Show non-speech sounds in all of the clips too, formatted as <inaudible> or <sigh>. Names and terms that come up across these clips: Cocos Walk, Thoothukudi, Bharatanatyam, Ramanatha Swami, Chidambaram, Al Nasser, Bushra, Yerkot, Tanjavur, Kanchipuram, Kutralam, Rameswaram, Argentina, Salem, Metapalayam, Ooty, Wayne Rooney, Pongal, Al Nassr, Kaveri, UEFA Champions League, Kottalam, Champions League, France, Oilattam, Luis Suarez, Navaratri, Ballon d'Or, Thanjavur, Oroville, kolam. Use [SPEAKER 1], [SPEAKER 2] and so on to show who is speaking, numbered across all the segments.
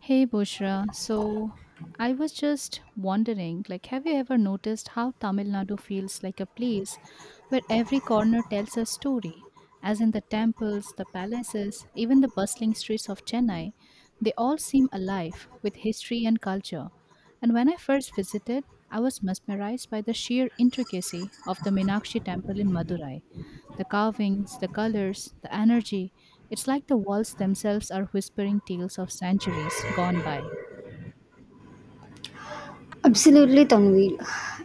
[SPEAKER 1] Hey Bushra, so I was just wondering, like, have you ever noticed how Tamil Nadu feels like a place where every corner tells a story? As in the temples, the palaces, even the bustling streets of Chennai, they all seem alive with history and culture. And when I first visited, I was mesmerized by the sheer intricacy of the Meenakshi temple in Madurai, the carvings, the colors, the energy. It's like the walls themselves are whispering tales of centuries gone by.
[SPEAKER 2] Absolutely, Tanvir.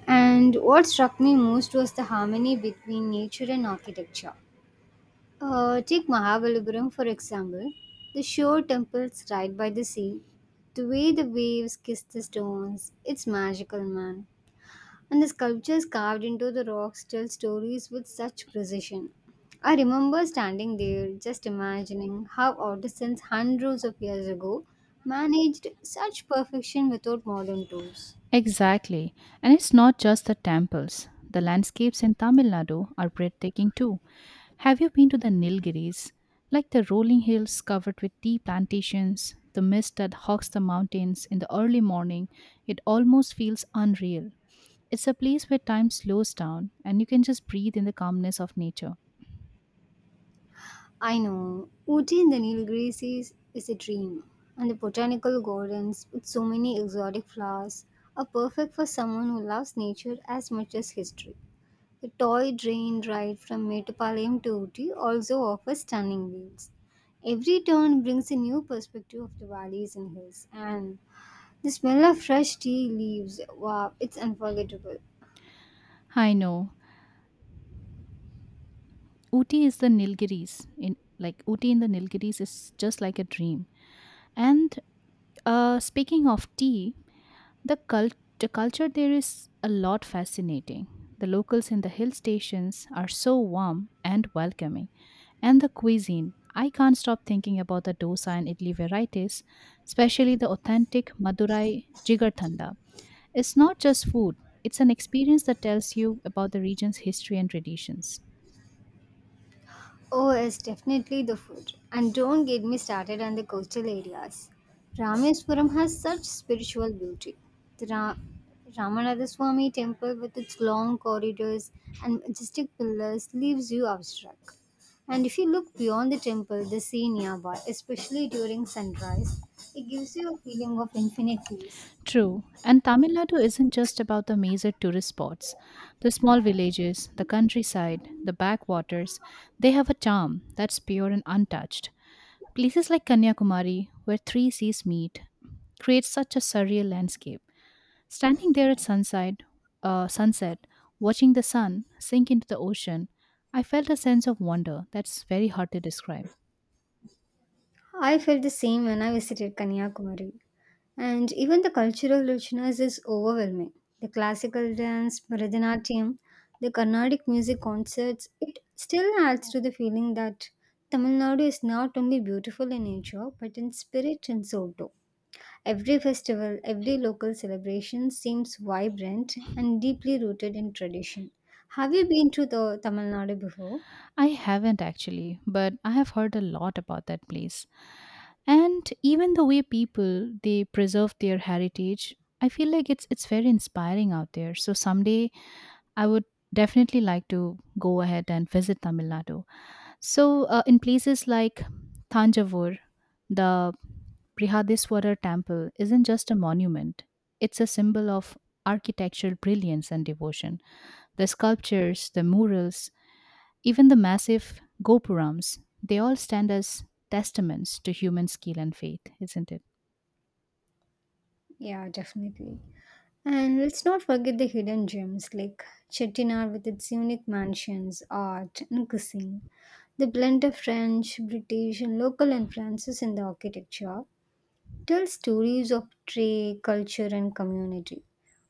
[SPEAKER 2] And what struck me most was the harmony between nature and architecture. Take Mahabalipuram, for example, the shore temples right by the sea. The way the waves kiss the stones, it's magical, man. And the sculptures carved into the rocks tell stories with such precision. I remember standing there just imagining how artisans hundreds of years ago managed such perfection without modern tools.
[SPEAKER 1] Exactly. And it's not just the temples. The landscapes in Tamil Nadu are breathtaking too. Have you been to the Nilgiris? Like, the rolling hills covered with tea plantations, the mist that hugs the mountains in the early morning, it almost feels unreal. It's a place where time slows down and you can just breathe in the calmness of nature.
[SPEAKER 2] I know. Ooty in the Nilgiris is a dream. And the botanical gardens with so many exotic flowers are perfect for someone who loves nature as much as history. The toy train ride from Metapalayam to Ooty also offers stunning views. Every turn brings a new perspective of the valleys and hills, and the smell of fresh tea leaves, wow, it's unforgettable.
[SPEAKER 1] I know. Ooty is the Nilgiris. In like Ooty in the Nilgiris is just like a dream. And speaking of tea, the culture there is a lot fascinating. The locals in the hill stations are so warm and welcoming. And the cuisine, I can't stop thinking about the dosa and idli varieties, especially the authentic Madurai jigarthanda. It's not just food, it's an experience that tells you about the region's history and traditions.
[SPEAKER 2] Oh, it's definitely the food. And don't get me started on the coastal areas. Rameswaram has such spiritual beauty. The Ra- Ramanatha Swami temple, with its long corridors and majestic pillars, leaves you awestruck. And if you look beyond the temple, the sea nearby, especially during sunrise, it gives you a feeling of infinite peace.
[SPEAKER 1] True. And Tamil Nadu isn't just about the major tourist spots. The small villages, the countryside, the backwaters, they have a charm that's pure and untouched. Places like Kanyakumari, where three seas meet, create such a surreal landscape. Standing there at sunset, uh, sunset, watching the sun sink into the ocean, I felt a sense of wonder that's very hard to describe.
[SPEAKER 2] I felt the same when I visited Kanyakumari. And even the cultural richness is overwhelming. The classical dance, Bharatanatyam, the Carnatic music concerts, it still adds to the feeling that Tamil Nadu is not only beautiful in nature but in spirit and soul too. Every festival, every local celebration seems vibrant and deeply rooted in tradition. Have you been to the Tamil Nadu before?
[SPEAKER 1] I haven't actually, but I have heard a lot about that place. And even the way people they preserve their heritage, I feel like it's very inspiring out there. So someday I would definitely like to go ahead and visit Tamil Nadu. So in places like Thanjavur, the Brihadiswarar temple isn't just a monument. It's a symbol of architectural brilliance and devotion. The sculptures, the murals, even the massive gopurams, they all stand as testaments to human skill and faith, isn't it?
[SPEAKER 2] Yeah, definitely. And let's not forget the hidden gems like Chettinad with its unique mansions, art, and cuisine. The blend of French, British, and local influences in the architecture tells stories of trade, culture, and community.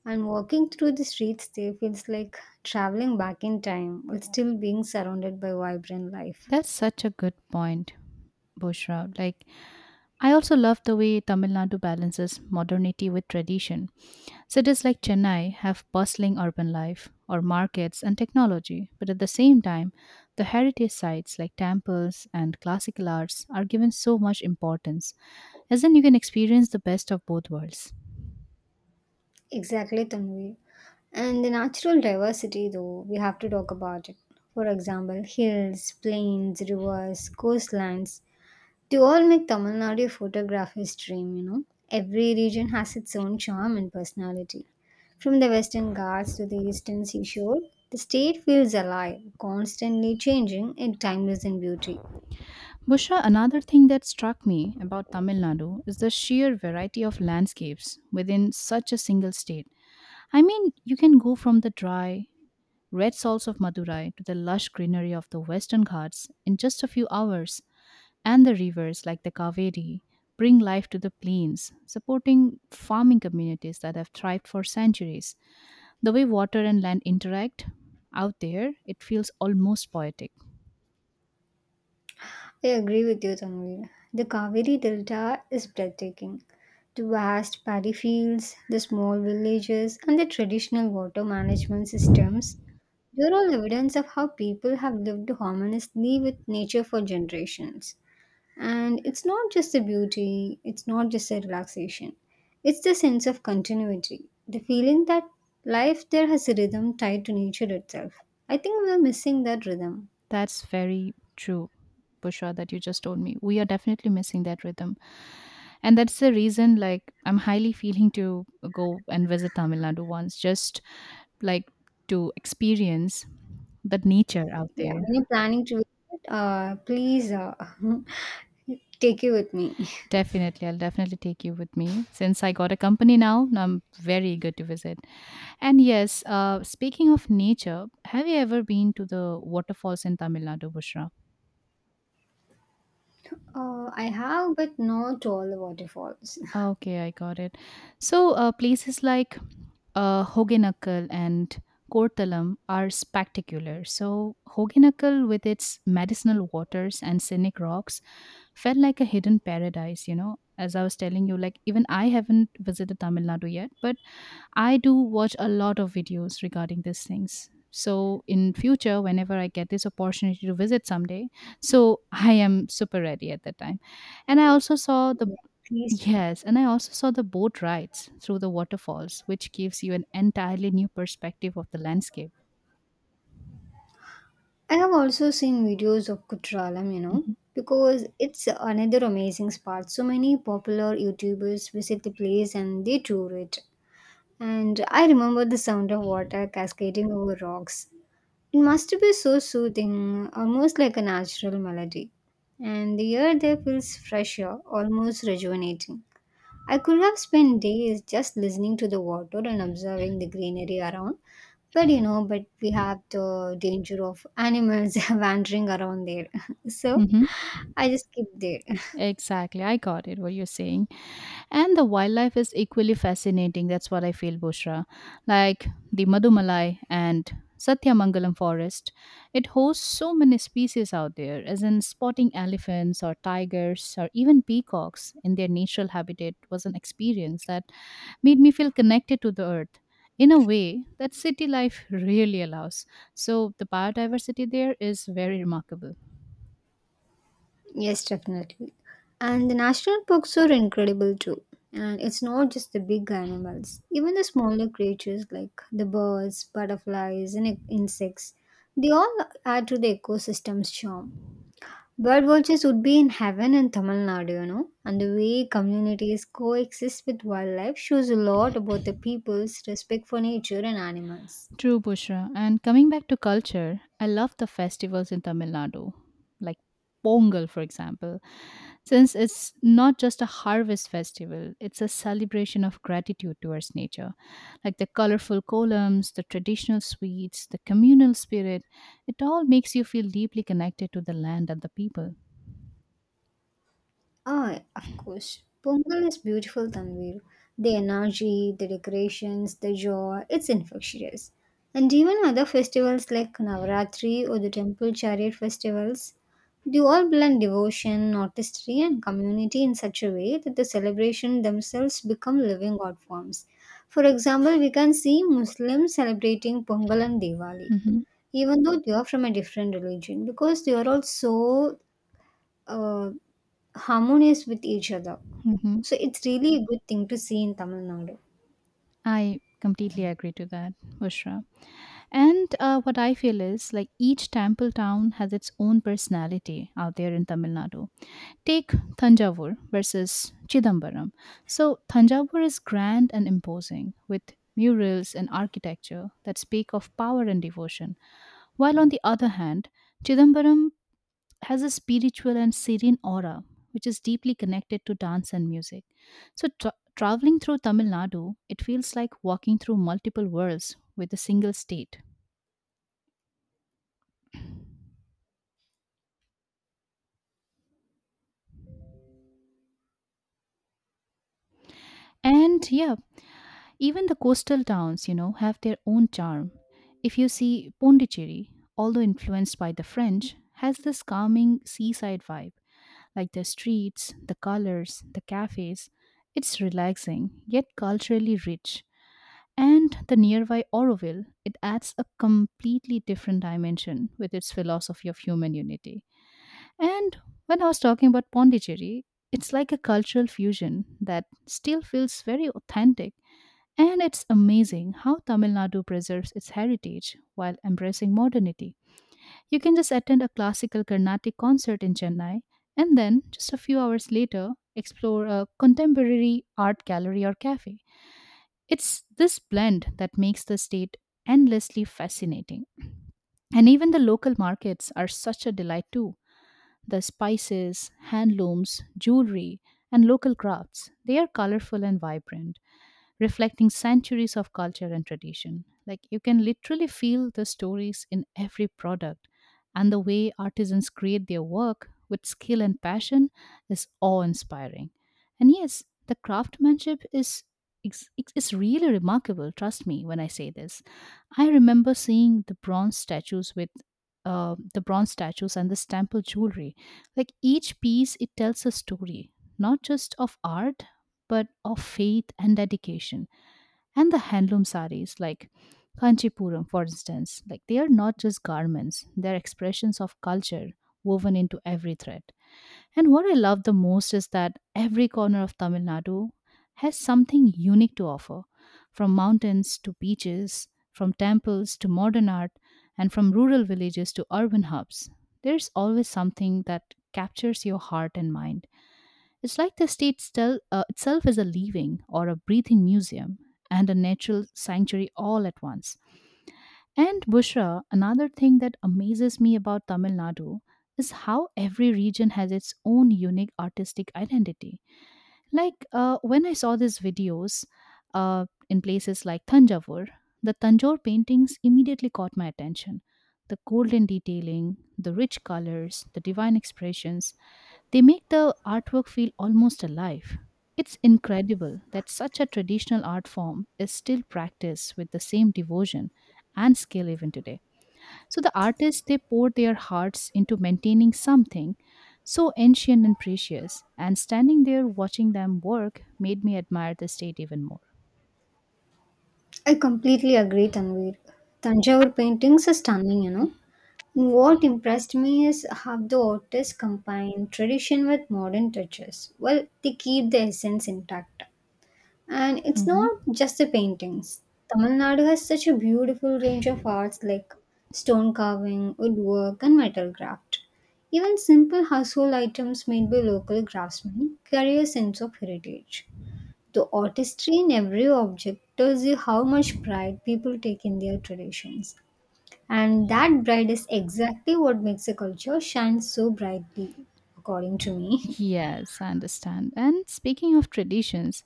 [SPEAKER 2] And walking through the streets there feels like traveling back in time while still being surrounded by vibrant life.
[SPEAKER 1] That's such a good point, Bushra. Like, I also love the way Tamil Nadu balances modernity with tradition. Cities like Chennai have bustling urban life, or markets and technology, but at the same time, the heritage sites like temples and classical arts are given so much importance, as in you can experience the best of both worlds.
[SPEAKER 2] Exactly, Tanvi. And the natural diversity, though, we have to talk about it. For example, hills, plains, rivers, coastlines, they all make Tamil Nadu photographer's dream, you know. Every region has its own charm and personality. From the western ghats to the eastern seashore, the state feels alive, constantly changing in timeless in beauty.
[SPEAKER 1] Busha, another thing that struck me about Tamil Nadu is the sheer variety of landscapes within such a single state. I mean, you can go from the dry, red salts of Madurai to the lush greenery of the Western Ghats in just a few hours, and the rivers like the Kaveri bring life to the plains, supporting farming communities that have thrived for centuries. The way water and land interact out there, it feels almost poetic.
[SPEAKER 2] I agree with you, Tanvir. The Kaveri Delta is breathtaking. The vast paddy fields, the small villages, and the traditional water management systems, they're all evidence of how people have lived harmoniously with nature for generations. And it's not just the beauty, it's not just the relaxation, it's the sense of continuity, the feeling that life there has a rhythm tied to nature itself. I think we're missing that rhythm.
[SPEAKER 1] That's very true, Bushra, that you just told me. We are definitely missing that rhythm. And that's the reason, like, I'm highly feeling to go and visit Tamil Nadu once, just like to experience the nature out
[SPEAKER 2] Yeah,
[SPEAKER 1] there.
[SPEAKER 2] when you're planning to visit, please <laughs> take you with me.
[SPEAKER 1] Definitely, I'll definitely take you with me. Since I got a company now, now I'm very eager to visit. And yes, speaking of nature, have you ever been to the waterfalls in Tamil Nadu, Bushra?
[SPEAKER 2] I have, but not all the waterfalls. <laughs>
[SPEAKER 1] Ah, okay, I got it. So, places like Hoganakkal and Kottalam are spectacular. So, Hoganakkal, with its medicinal waters and scenic rocks, felt like a hidden paradise, you know. As I was telling you, like, even I haven't visited Tamil Nadu yet, but I do watch a lot of videos regarding these things. So, in future, whenever I get this opportunity to visit someday, so I am super ready at that time and I also saw the
[SPEAKER 2] Yeah, please do.
[SPEAKER 1] Yes, and I also saw the boat rides through the waterfalls, which gives you an entirely new perspective of the landscape.
[SPEAKER 2] I have also seen videos of Kutralam, you know,
[SPEAKER 1] Mhm.
[SPEAKER 2] because it's another amazing spot. So many popular YouTubers visit the place and they tour it. And I remember the sound of water cascading over rocks. It must be so soothing, almost like a natural melody. And the air there feels fresher, almost rejuvenating. I could have spent days just listening to the water and observing the greenery around. But you know, but we have the danger of animals <laughs> wandering around there. <laughs> So
[SPEAKER 1] Mhm.
[SPEAKER 2] I just keep there.
[SPEAKER 1] Exactly, I got it what you're saying. And the wildlife is equally fascinating. That's what I feel, Bushra. Like the Madumalai and Satyamangalam forest, it hosts so many species out there, as in spotting elephants or tigers or even peacocks in their natural habitat was an experience that made me feel connected to the earth in a way that city life really allows. So the biodiversity there is very remarkable.
[SPEAKER 2] Yes, definitely. And the national parks are incredible too. And it's not just the big animals, even the smaller creatures like the birds, butterflies, and insects, they all add to the ecosystem's charm. Bird watchers would be in heaven in Tamil Nadu, you know, and the way communities coexist with wildlife shows a lot about the people's respect for nature and animals.
[SPEAKER 1] True, Bushra. And coming back to culture, I love the festivals in Tamil Nadu, like Pongal, for example, since it's not just a harvest festival, it's a celebration of gratitude towards nature. Like the colorful columns, the traditional sweets, the communal spirit, it all makes you feel deeply connected to the land and the people.
[SPEAKER 2] Ah, of course. Pongal is beautiful, Tanvir. The energy, the decorations, the joy, it's infectious. And even other festivals like Navaratri or the Temple Chariot festivals, they all blend devotion, artistry, and community in such a way that the celebration themselves become living art forms. For example, we can see Muslims celebrating Pongal and Diwali,
[SPEAKER 1] Mhm,
[SPEAKER 2] even though they are from a different religion, because they are all so uh, harmonious with each other.
[SPEAKER 1] mhm.
[SPEAKER 2] So it's really a good thing to see in Tamil Nadu.
[SPEAKER 1] I completely agree to that, Bushra. And what I feel is like each temple town has its own personality out there in Tamil Nadu. Take Thanjavur versus Chidambaram. So, Thanjavur is grand and imposing with murals and architecture that speak of power and devotion, while on the other hand, Chidambaram has a spiritual and serene aura, which is deeply connected to dance and music. So, traveling through Tamil Nadu, it feels like walking through multiple worlds with a single state. And yeah, even the coastal towns, you know, have their own charm. If you see Pondicherry, although influenced by the French, has this calming seaside vibe, like the streets, the colors, the cafes. It's relaxing, yet culturally rich. And the nearby Oroville, it adds a completely different dimension with its philosophy of human unity. And when I was talking about Pondicherry, it's like a cultural fusion that still feels very authentic. And it's amazing how Tamil Nadu preserves its heritage while embracing modernity. You can just attend a classical Carnatic concert in Chennai and then, just a few hours later, explore a contemporary art gallery or cafe. It's this blend that makes the state endlessly fascinating. And even the local markets are such a delight too. The spices, handlooms, jewelry, and local crafts, they are colorful and vibrant, reflecting centuries of culture and tradition. Like, you can literally feel the stories in every product, and the way artisans create their work with skill and passion is awe inspiring. And yes, the craftsmanship is. It's, it's really remarkable, trust me when I say this. I remember seeing the bronze statues with the bronze statues and this temple jewelry, like each piece, it tells a story, not just of art, but of faith and dedication. And the handloom saris, like Kanchipuram, for instance, like they are not just garments, they are expressions of culture woven into every thread. And what I love the most is that every corner of Tamil Nadu has something unique to offer, from mountains to beaches, from temples to modern art, and from rural villages to urban hubs. There's always something that captures your heart and mind. It's like the state itself is a living or a breathing museum and a natural sanctuary all at once. And Bushra, another thing that amazes me about Tamil Nadu is how every region has its own unique artistic identity. Like when I saw these videos in places like Thanjavur, the Tanjore paintings immediately caught my attention. The golden detailing, the rich colors, the divine expressions, they make the artwork feel almost alive. It's incredible that such a traditional art form is still practiced with the same devotion and skill even today. So the artists they pour their hearts into maintaining something so ancient and precious, and standing there watching them work made me admire the state even more.
[SPEAKER 2] I completely agree, Tanvir. Tanjavur paintings are stunning, you know. What impressed me is how the artists combine tradition with modern touches. Well, they keep the essence intact. And it's
[SPEAKER 1] Mhm.
[SPEAKER 2] not just the paintings. Tamil Nadu has such a beautiful range of arts like stone carving, woodwork, and metal craft. Even simple household items made by local craftsmen carry a sense of heritage. The artistry in every object tells you how much pride people take in their traditions. And that pride is exactly what makes a culture shine so brightly, according to me. <laughs>
[SPEAKER 1] Yes, I understand. And speaking of traditions,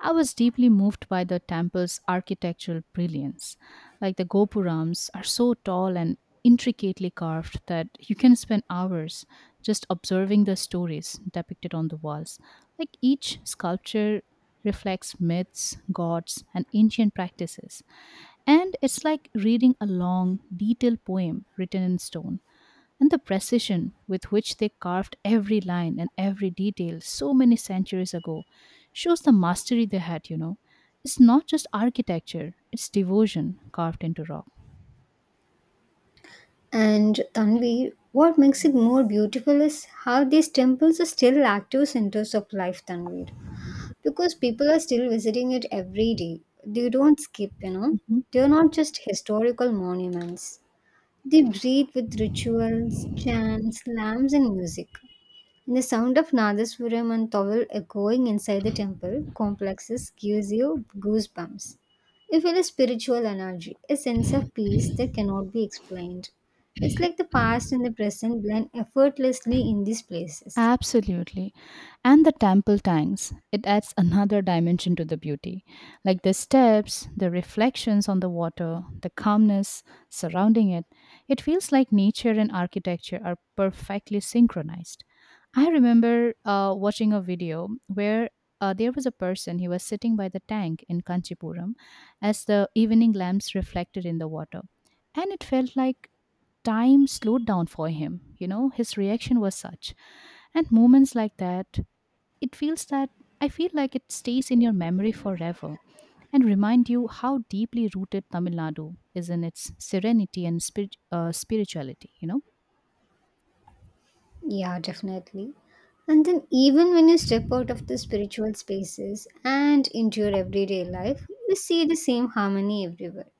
[SPEAKER 1] I was deeply moved by the temple's architectural brilliance. Like the gopurams are so tall and intricately carved that you can spend hours just observing the stories depicted on the walls. Like each sculpture reflects myths, gods, and ancient practices. And it's like reading a long, detailed poem written in stone, and the precision with which they carved every line and every detail so many centuries ago shows the mastery they had, you know. It's not just architecture, it's devotion carved into rock.
[SPEAKER 2] And Tanvi, what makes it more beautiful is how these temples are still active centers of life, Tanvi. Because people are still visiting it every day. They don't skip, you know. They're not just historical monuments. They breathe with rituals, chants, lamps, and music. The sound of Nadaswaram and Towel echoing inside the temple complexes gives you goosebumps. You feel a spiritual energy, a sense of peace that cannot be explained. It's like the past and the present blend effortlessly in these places.
[SPEAKER 1] Absolutely. And the temple tanks, it adds another dimension to the beauty. Like the steps, the reflections on the water, the calmness surrounding it, it feels like nature and architecture are perfectly synchronized. I remember watching a video where there was a person, he was sitting by the tank in Kanchipuram as the evening lamps reflected in the water. And it felt like time slowed down for him. You know, his reaction was such. And moments like that, it feels that I feel like it stays in your memory forever and remind you how deeply rooted Tamil Nadu is in its serenity and spirituality, you know?
[SPEAKER 2] Yeah, definitely. And then, even when you step out of the spiritual spaces and into your everyday life, you see the same harmony everywhere.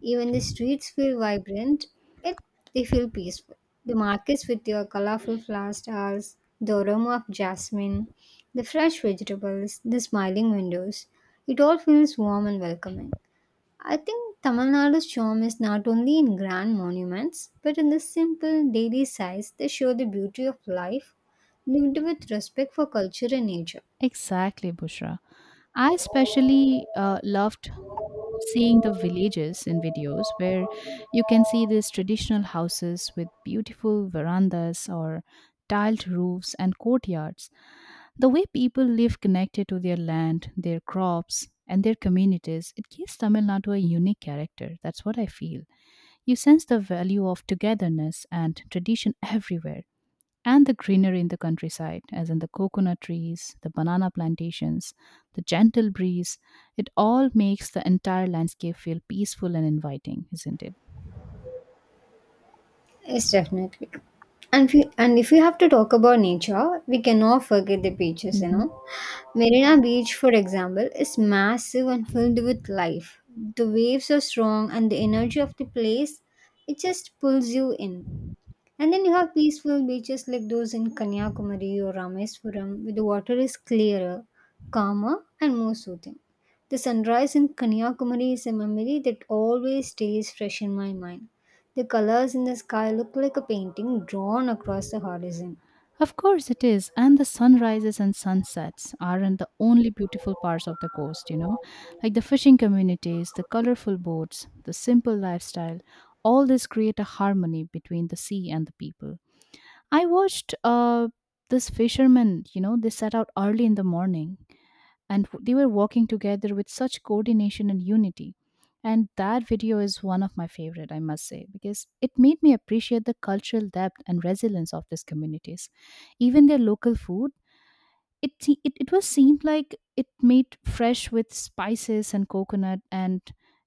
[SPEAKER 2] Even the streets feel vibrant, yet they feel peaceful. The markets with their colorful flower stalls, the aroma of jasmine, the fresh vegetables, the smiling windows, it all feels warm and welcoming. I think Tamil Nadu's charm is not only in grand monuments, but in the simple daily sights that show the beauty of life lived with respect for culture and nature.
[SPEAKER 1] Exactly, Bushra. I especially loved seeing the villages in videos where you can see these traditional houses with beautiful verandas or tiled roofs and courtyards. The way people live connected to their land, their crops, and their communities, it gives Tamil Nadu a unique character. That's what I feel. You sense the value of togetherness and tradition <laughs> everywhere and the greenery in the countryside, as in the coconut trees, the banana plantations, the gentle breeze, it all makes the entire landscape feel peaceful and inviting, isn't it?
[SPEAKER 2] Yes, definitely. And if you have to talk about nature, we cannot forget the beaches, you
[SPEAKER 1] Hmm.
[SPEAKER 2] know. Marina Beach, for example, is massive and filled with life. The waves are strong and the energy of the place, it just pulls you in. And then you have peaceful beaches like those in Kanyakumari or Rameswaram, where the water is clearer, calmer, and more soothing. The sunrise in Kanyakumari is a memory that always stays fresh in my mind. The colors in the sky look like a painting drawn across the horizon.
[SPEAKER 1] Of course, it is. And the sunrises and sunsets aren't the only beautiful parts of the coast, you know, like the fishing communities, the colorful boats, the simple lifestyle, all this create a harmony between the sea and the people. I watched this fisherman, you know, they set out early in the morning and they were working together with such coordination and unity, and that video is one of my favorite, I must say, because it made me appreciate the cultural depth and resilience of these communities, even their local food. It was seemed like it made fresh with spices and coconut, and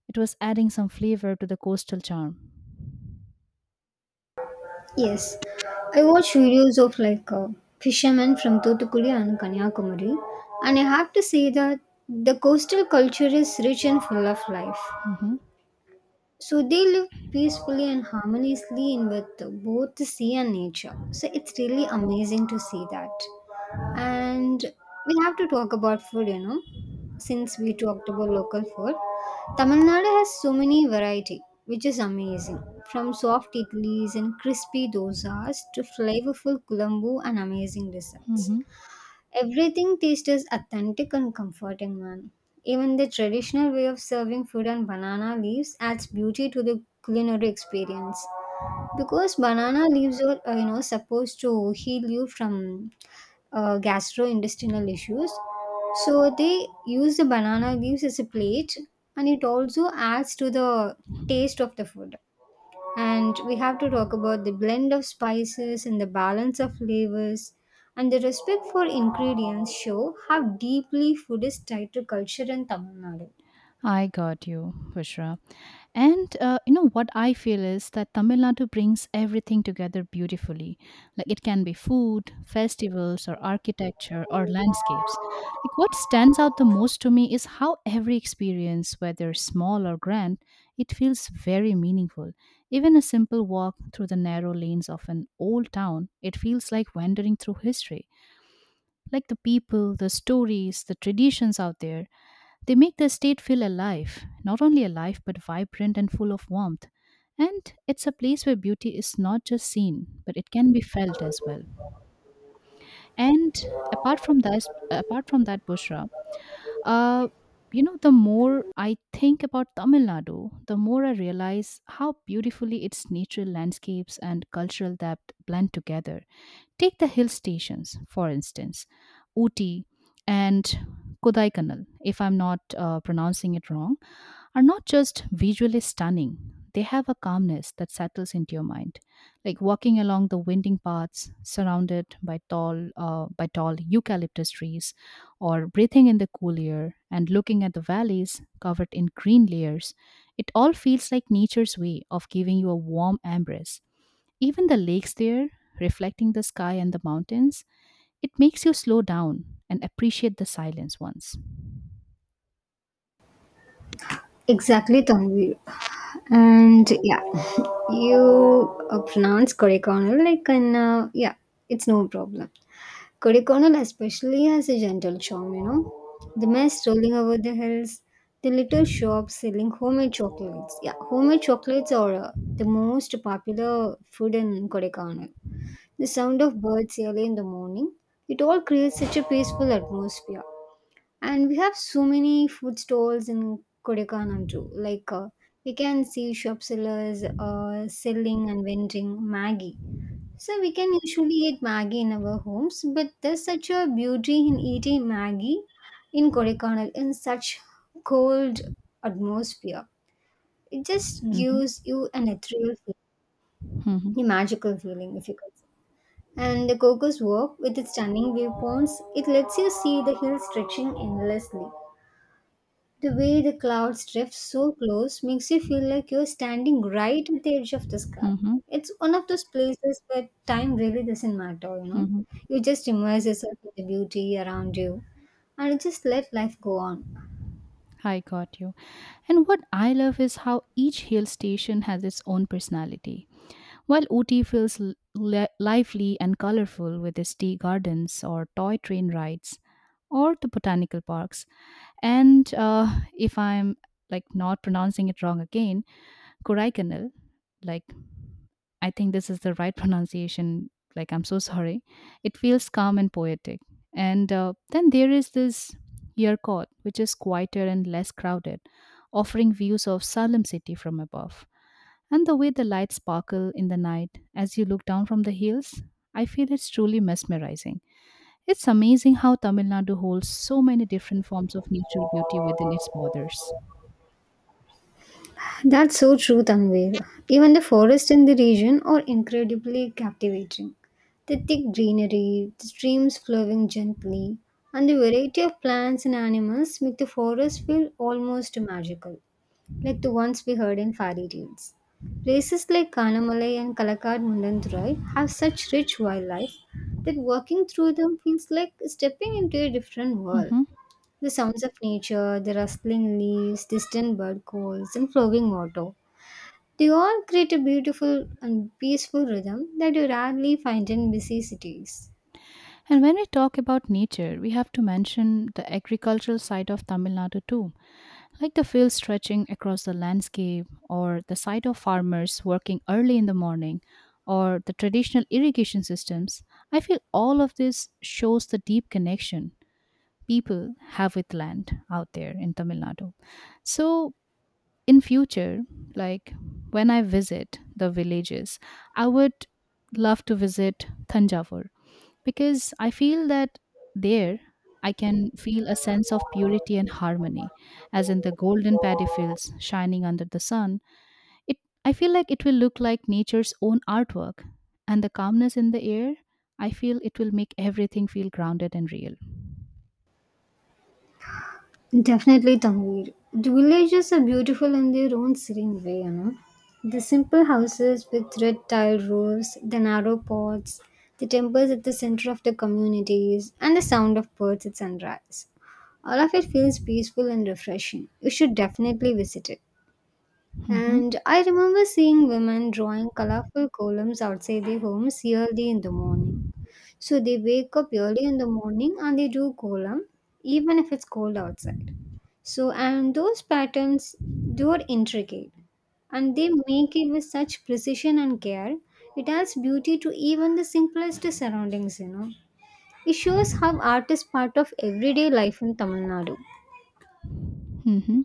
[SPEAKER 1] it was adding some flavor to the coastal charm.
[SPEAKER 2] Yes, I watch videos of like fishermen from Thoothukudi and Kanyakumari, and I have to say that the coastal culture is rich and full of life.
[SPEAKER 1] Hmm.
[SPEAKER 2] So they live peacefully and harmoniously in with both the sea and nature. So it's really amazing to see that. And we have to talk about food, you know, since we talked about local food. Tamil Nadu has so many variety, which is amazing. From soft idlis and crispy dosas to flavorful kulambu and amazing desserts.
[SPEAKER 1] Hmm.
[SPEAKER 2] Everything tastes as authentic and comforting, man. Even the traditional way of serving food on banana leaves adds beauty to the culinary experience. Because banana leaves are, you know, supposed to heal you from gastrointestinal issues, so they use the banana leaves as a plate, and it also adds to the taste of the food and we have to talk about the blend of spices and the balance of flavors and the respect for ingredients show how deeply food is tied to culture in Tamil Nadu.
[SPEAKER 1] I got you, pushra. And you know what I feel is that Tamil Nadu brings everything together beautifully. Like it can be food, festivals, or architecture, or landscapes. Like what stands out the most to me is how every experience, whether small or grand, it feels very meaningful. Even a simple walk through the narrow lanes of an old town, it feels like wandering through history. Like the people, the stories, the traditions out there, they make the estate feel alive, not only alive, but vibrant and full of warmth. And it's a place where beauty is not just seen, but it can be felt as well. And apart from that, Bushra, uh, you know, the more I think about Tamil Nadu, the more I realize how beautifully its natural landscapes and cultural depth blend together. Take the hill stations, for instance, Ooty and Kodaikanal, if I'm not pronouncing it wrong, are not just visually stunning. They have a calmness that settles into your mind, like walking along the winding paths surrounded by tall eucalyptus trees, or breathing in the cool air and looking at the valleys covered in green layers, it all feels like nature's way of giving you a warm embrace. Even the lakes there, reflecting the sky and the mountains, it makes you slow down and appreciate the silence once.
[SPEAKER 2] Exactly, Tanvir. And yeah, you pronounce correct, Connell, like, and yeah, it's no problem. Kodaikanal especially has a gentle charm, you know. The mist rolling over the hills, the little shops selling homemade chocolates. Yeah, homemade chocolates are the most popular food in Kodaikanal. The sound of birds early in the morning, it all creates such a peaceful atmosphere. And we have so many food stalls in Kodaikanal too. We can see shop sellers selling and vending Maggie so we can usually eat Maggi in our homes, but there's such a beauty in eating Maggi in Kodaikanal in such cold atmosphere. It just
[SPEAKER 1] Mhm.
[SPEAKER 2] gives you an ethereal
[SPEAKER 1] Mhm.
[SPEAKER 2] feeling, a magical feeling, if you could say. And the Cocos Walk, with its stunning viewpoints, it lets you see the hills stretching endlessly. The way the clouds drift so close makes you feel like you're standing right at the edge of the sky.
[SPEAKER 1] Mhm.
[SPEAKER 2] It's one of those places where time really doesn't matter, you know.
[SPEAKER 1] Mhm.
[SPEAKER 2] You just immerse yourself in the beauty around you and just let life go on.
[SPEAKER 1] I got you. And what I love is how each hill station has its own personality. While Ooty feels lively and colorful with its tea gardens or toy train rides, or the botanical parks. And if I'm like not pronouncing it wrong again, Kodaikanal, like I think this is the right <laughs> pronunciation. Like I'm so sorry. It feels calm and poetic. And then there is this Yerkot, which is quieter and less crowded, offering views of Salem city from above. And the way the lights sparkle in the night as you look down from the hills, I feel it's truly mesmerizing. It's amazing how Tamil Nadu holds so many different forms of natural beauty within its borders.
[SPEAKER 2] That's so true, Tanvir. Even the forests in the region are incredibly captivating. The thick greenery, the streams flowing gently, and the variety of plants and animals make the forest feel almost magical. Like the ones we heard in fairy tales. Places like Kanamalai and Kalakad Mundandurai have such rich wildlife that walking through them feels like stepping into a different world.
[SPEAKER 1] Mhm.
[SPEAKER 2] The sounds of nature, the rustling leaves, distant bird calls, and flowing water. They all create a beautiful and peaceful rhythm that you rarely find in busy cities.
[SPEAKER 1] And when we talk about nature, we have to mention the agricultural side of Tamil Nadu too, like the fields stretching across the landscape, or the sight of farmers working early in the morning, or the traditional irrigation systems. I feel all of this shows the deep connection people have with land out there in Tamil Nadu. So, in future, like when I visit the villages, I would love to visit thanjavur, because I feel that there I can feel a sense of purity and harmony, as in the golden paddy fields shining under the sun. It, I feel like it will look like nature's own artwork, and the calmness in the air, I feel it will make everything feel grounded and real.
[SPEAKER 2] Definitely Tanvir. The villages are beautiful in their own serene way, you know. The simple houses with red tiled roofs, the narrow paths, the temples at the center of the communities, and the sound of birds at sunrise. All of it feels peaceful and refreshing. You should definitely visit it. And
[SPEAKER 1] Mhm.
[SPEAKER 2] I remember seeing women drawing colorful columns outside their homes early in the morning. So they wake up early in the morning and they do kolam even if it's cold outside. So and those patterns they are intricate and they make it with such precision and care. It adds beauty to even the simplest surroundings, you know. It shows how art is part of everyday life in Tamil Nadu.
[SPEAKER 1] Mhm.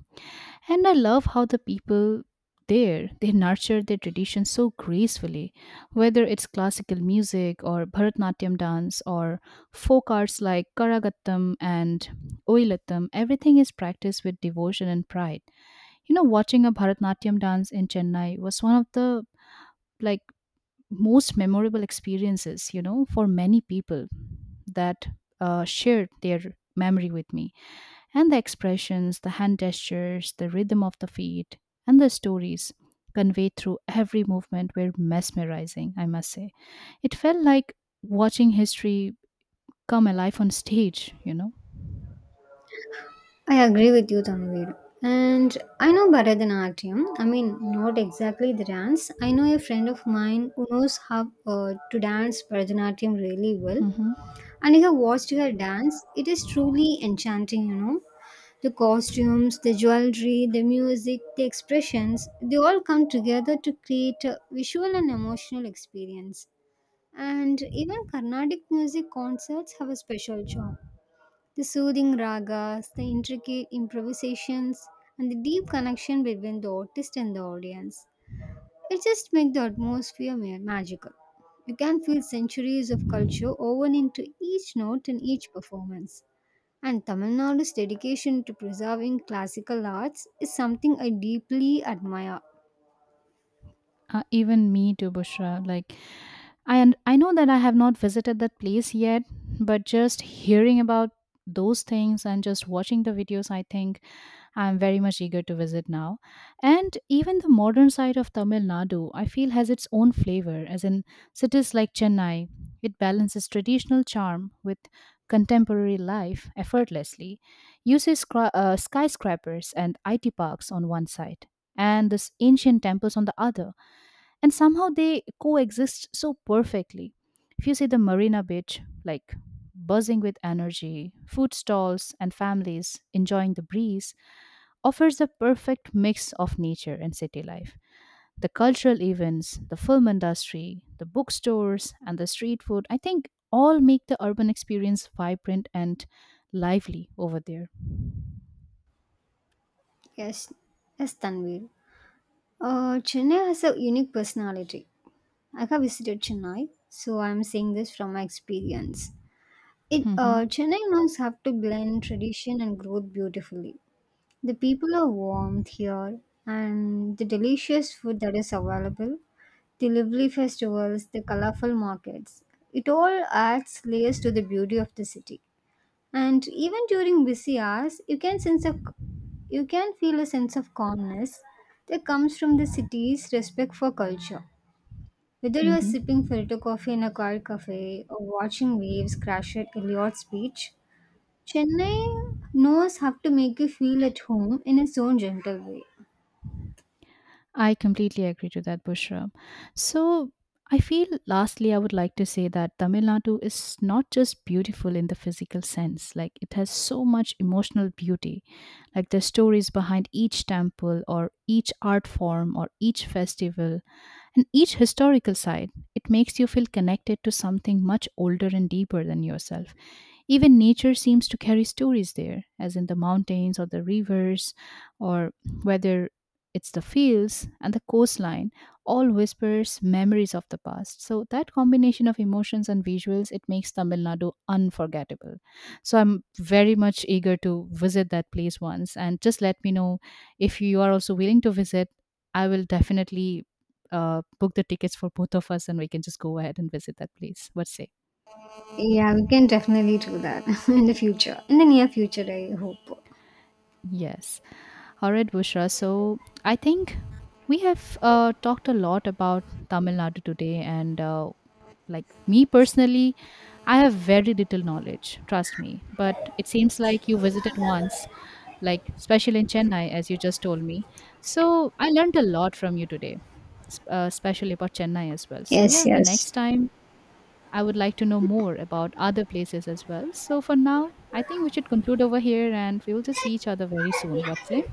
[SPEAKER 1] And I love how the people there, they nurture their tradition so gracefully, whether it's classical music or Bharatanatyam dance or folk arts like Karagattam and Oilattam. Everything is practiced with devotion and pride. You know, watching a Bharatanatyam dance in Chennai was one of the, like, most memorable experiences, you know, for many people that shared their memory with me. And the expressions, the hand gestures, the rhythm of the feet, and the stories conveyed through every movement were mesmerizing, I must say. It felt like watching history come alive on stage, you know.
[SPEAKER 2] I agree with you, Tanvir. And I know Bharatanatyam. I mean, not exactly the dance. I know a friend of mine who knows how to dance Bharatanatyam really well.
[SPEAKER 1] Hmm.
[SPEAKER 2] And I have watched her dance. It is truly enchanting, you know. The costumes, the jewelry, the music, the expressions, they all come together to create a visual and emotional experience. And even Carnatic music concerts have a special charm. The soothing ragas, the intricate improvisations, and the deep connection between the artist and the audience. It just makes the atmosphere magical. You can feel centuries of culture woven into each note and each performance. And Tamil Nadu's dedication to preserving classical arts is something I deeply admire.
[SPEAKER 1] Even me too, Bushra. Like, and I know that I have not visited that place yet, but just hearing about those things and just watching the videos, I think I'm very much eager to visit now. And even the modern side of Tamil Nadu, I feel, has its own flavor, as in cities like Chennai. It balances traditional charm with contemporary life effortlessly, uses skyscrapers and IT parks on one side, and this ancient temples on the other, and somehow they coexist so perfectly. If you see the Marina Beach, like buzzing with energy, food stalls and families enjoying the breeze, offers the perfect mix of nature and city life. The cultural events, the film industry, the bookstores, and the street food, I think all make the urban experience vibrant and lively over there.
[SPEAKER 2] Yes, yes, Tanvir. Chennai has a unique personality. I have visited Chennai, so I am saying this from my experience. It
[SPEAKER 1] Hmm.
[SPEAKER 2] Chennai knows how to blend tradition and growth beautifully. The people are warm here, and the delicious food that is available, the lively festivals, the colorful markets, it all adds layers to the beauty of the city. And even during busy hours, you can feel a sense of calmness that comes from the city's respect for culture. Whether you are sipping filter coffee in a quiet cafe or watching waves crash at Eliot's beach, Chennai knows how to make you feel at home in its own gentle way.
[SPEAKER 1] I completely agree to that, Bushra. So, I feel lastly, I would like to say that Tamil Nadu is not just beautiful in the physical sense, like, it has so much emotional beauty. Like, the stories behind each temple, or each art form, or each festival, and each historical side, it makes you feel connected to something much older and deeper than yourself. Even nature seems to carry stories there, as in the mountains or the rivers, or whether it's the fields and the coastline, all whispers memories of the past. So that combination of emotions and visuals, it makes Tamil Nadu unforgettable. So I'm very much eager to visit that place once, and just let me know if you are also willing to visit. I will definitely book the tickets for both of us and we can just go ahead and visit that place. What say?
[SPEAKER 2] Yeah, we can definitely do that <laughs> in the future. In the near future, I hope.
[SPEAKER 1] Yes. All right, Bushra. So I think we have talked a lot about Tamil Nadu today, and like me personally, I have very little knowledge, trust me. But it seems like you visited once, like especially in Chennai, as you just told me. So I learned a lot from you today, especially about Chennai as well. So
[SPEAKER 2] Yes,
[SPEAKER 1] yeah, the
[SPEAKER 2] yes.
[SPEAKER 1] next time I would like to know more about other places as well. So for now, I think we should conclude over here and we will just see each other very soon. What's it?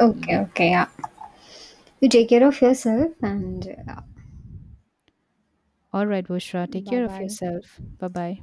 [SPEAKER 2] Okay,
[SPEAKER 1] Yeah.
[SPEAKER 2] okay, yeah. You take care of yourself and
[SPEAKER 1] All right, Bushra. Take
[SPEAKER 2] bye
[SPEAKER 1] care of
[SPEAKER 2] bye.
[SPEAKER 1] yourself. Bye bye.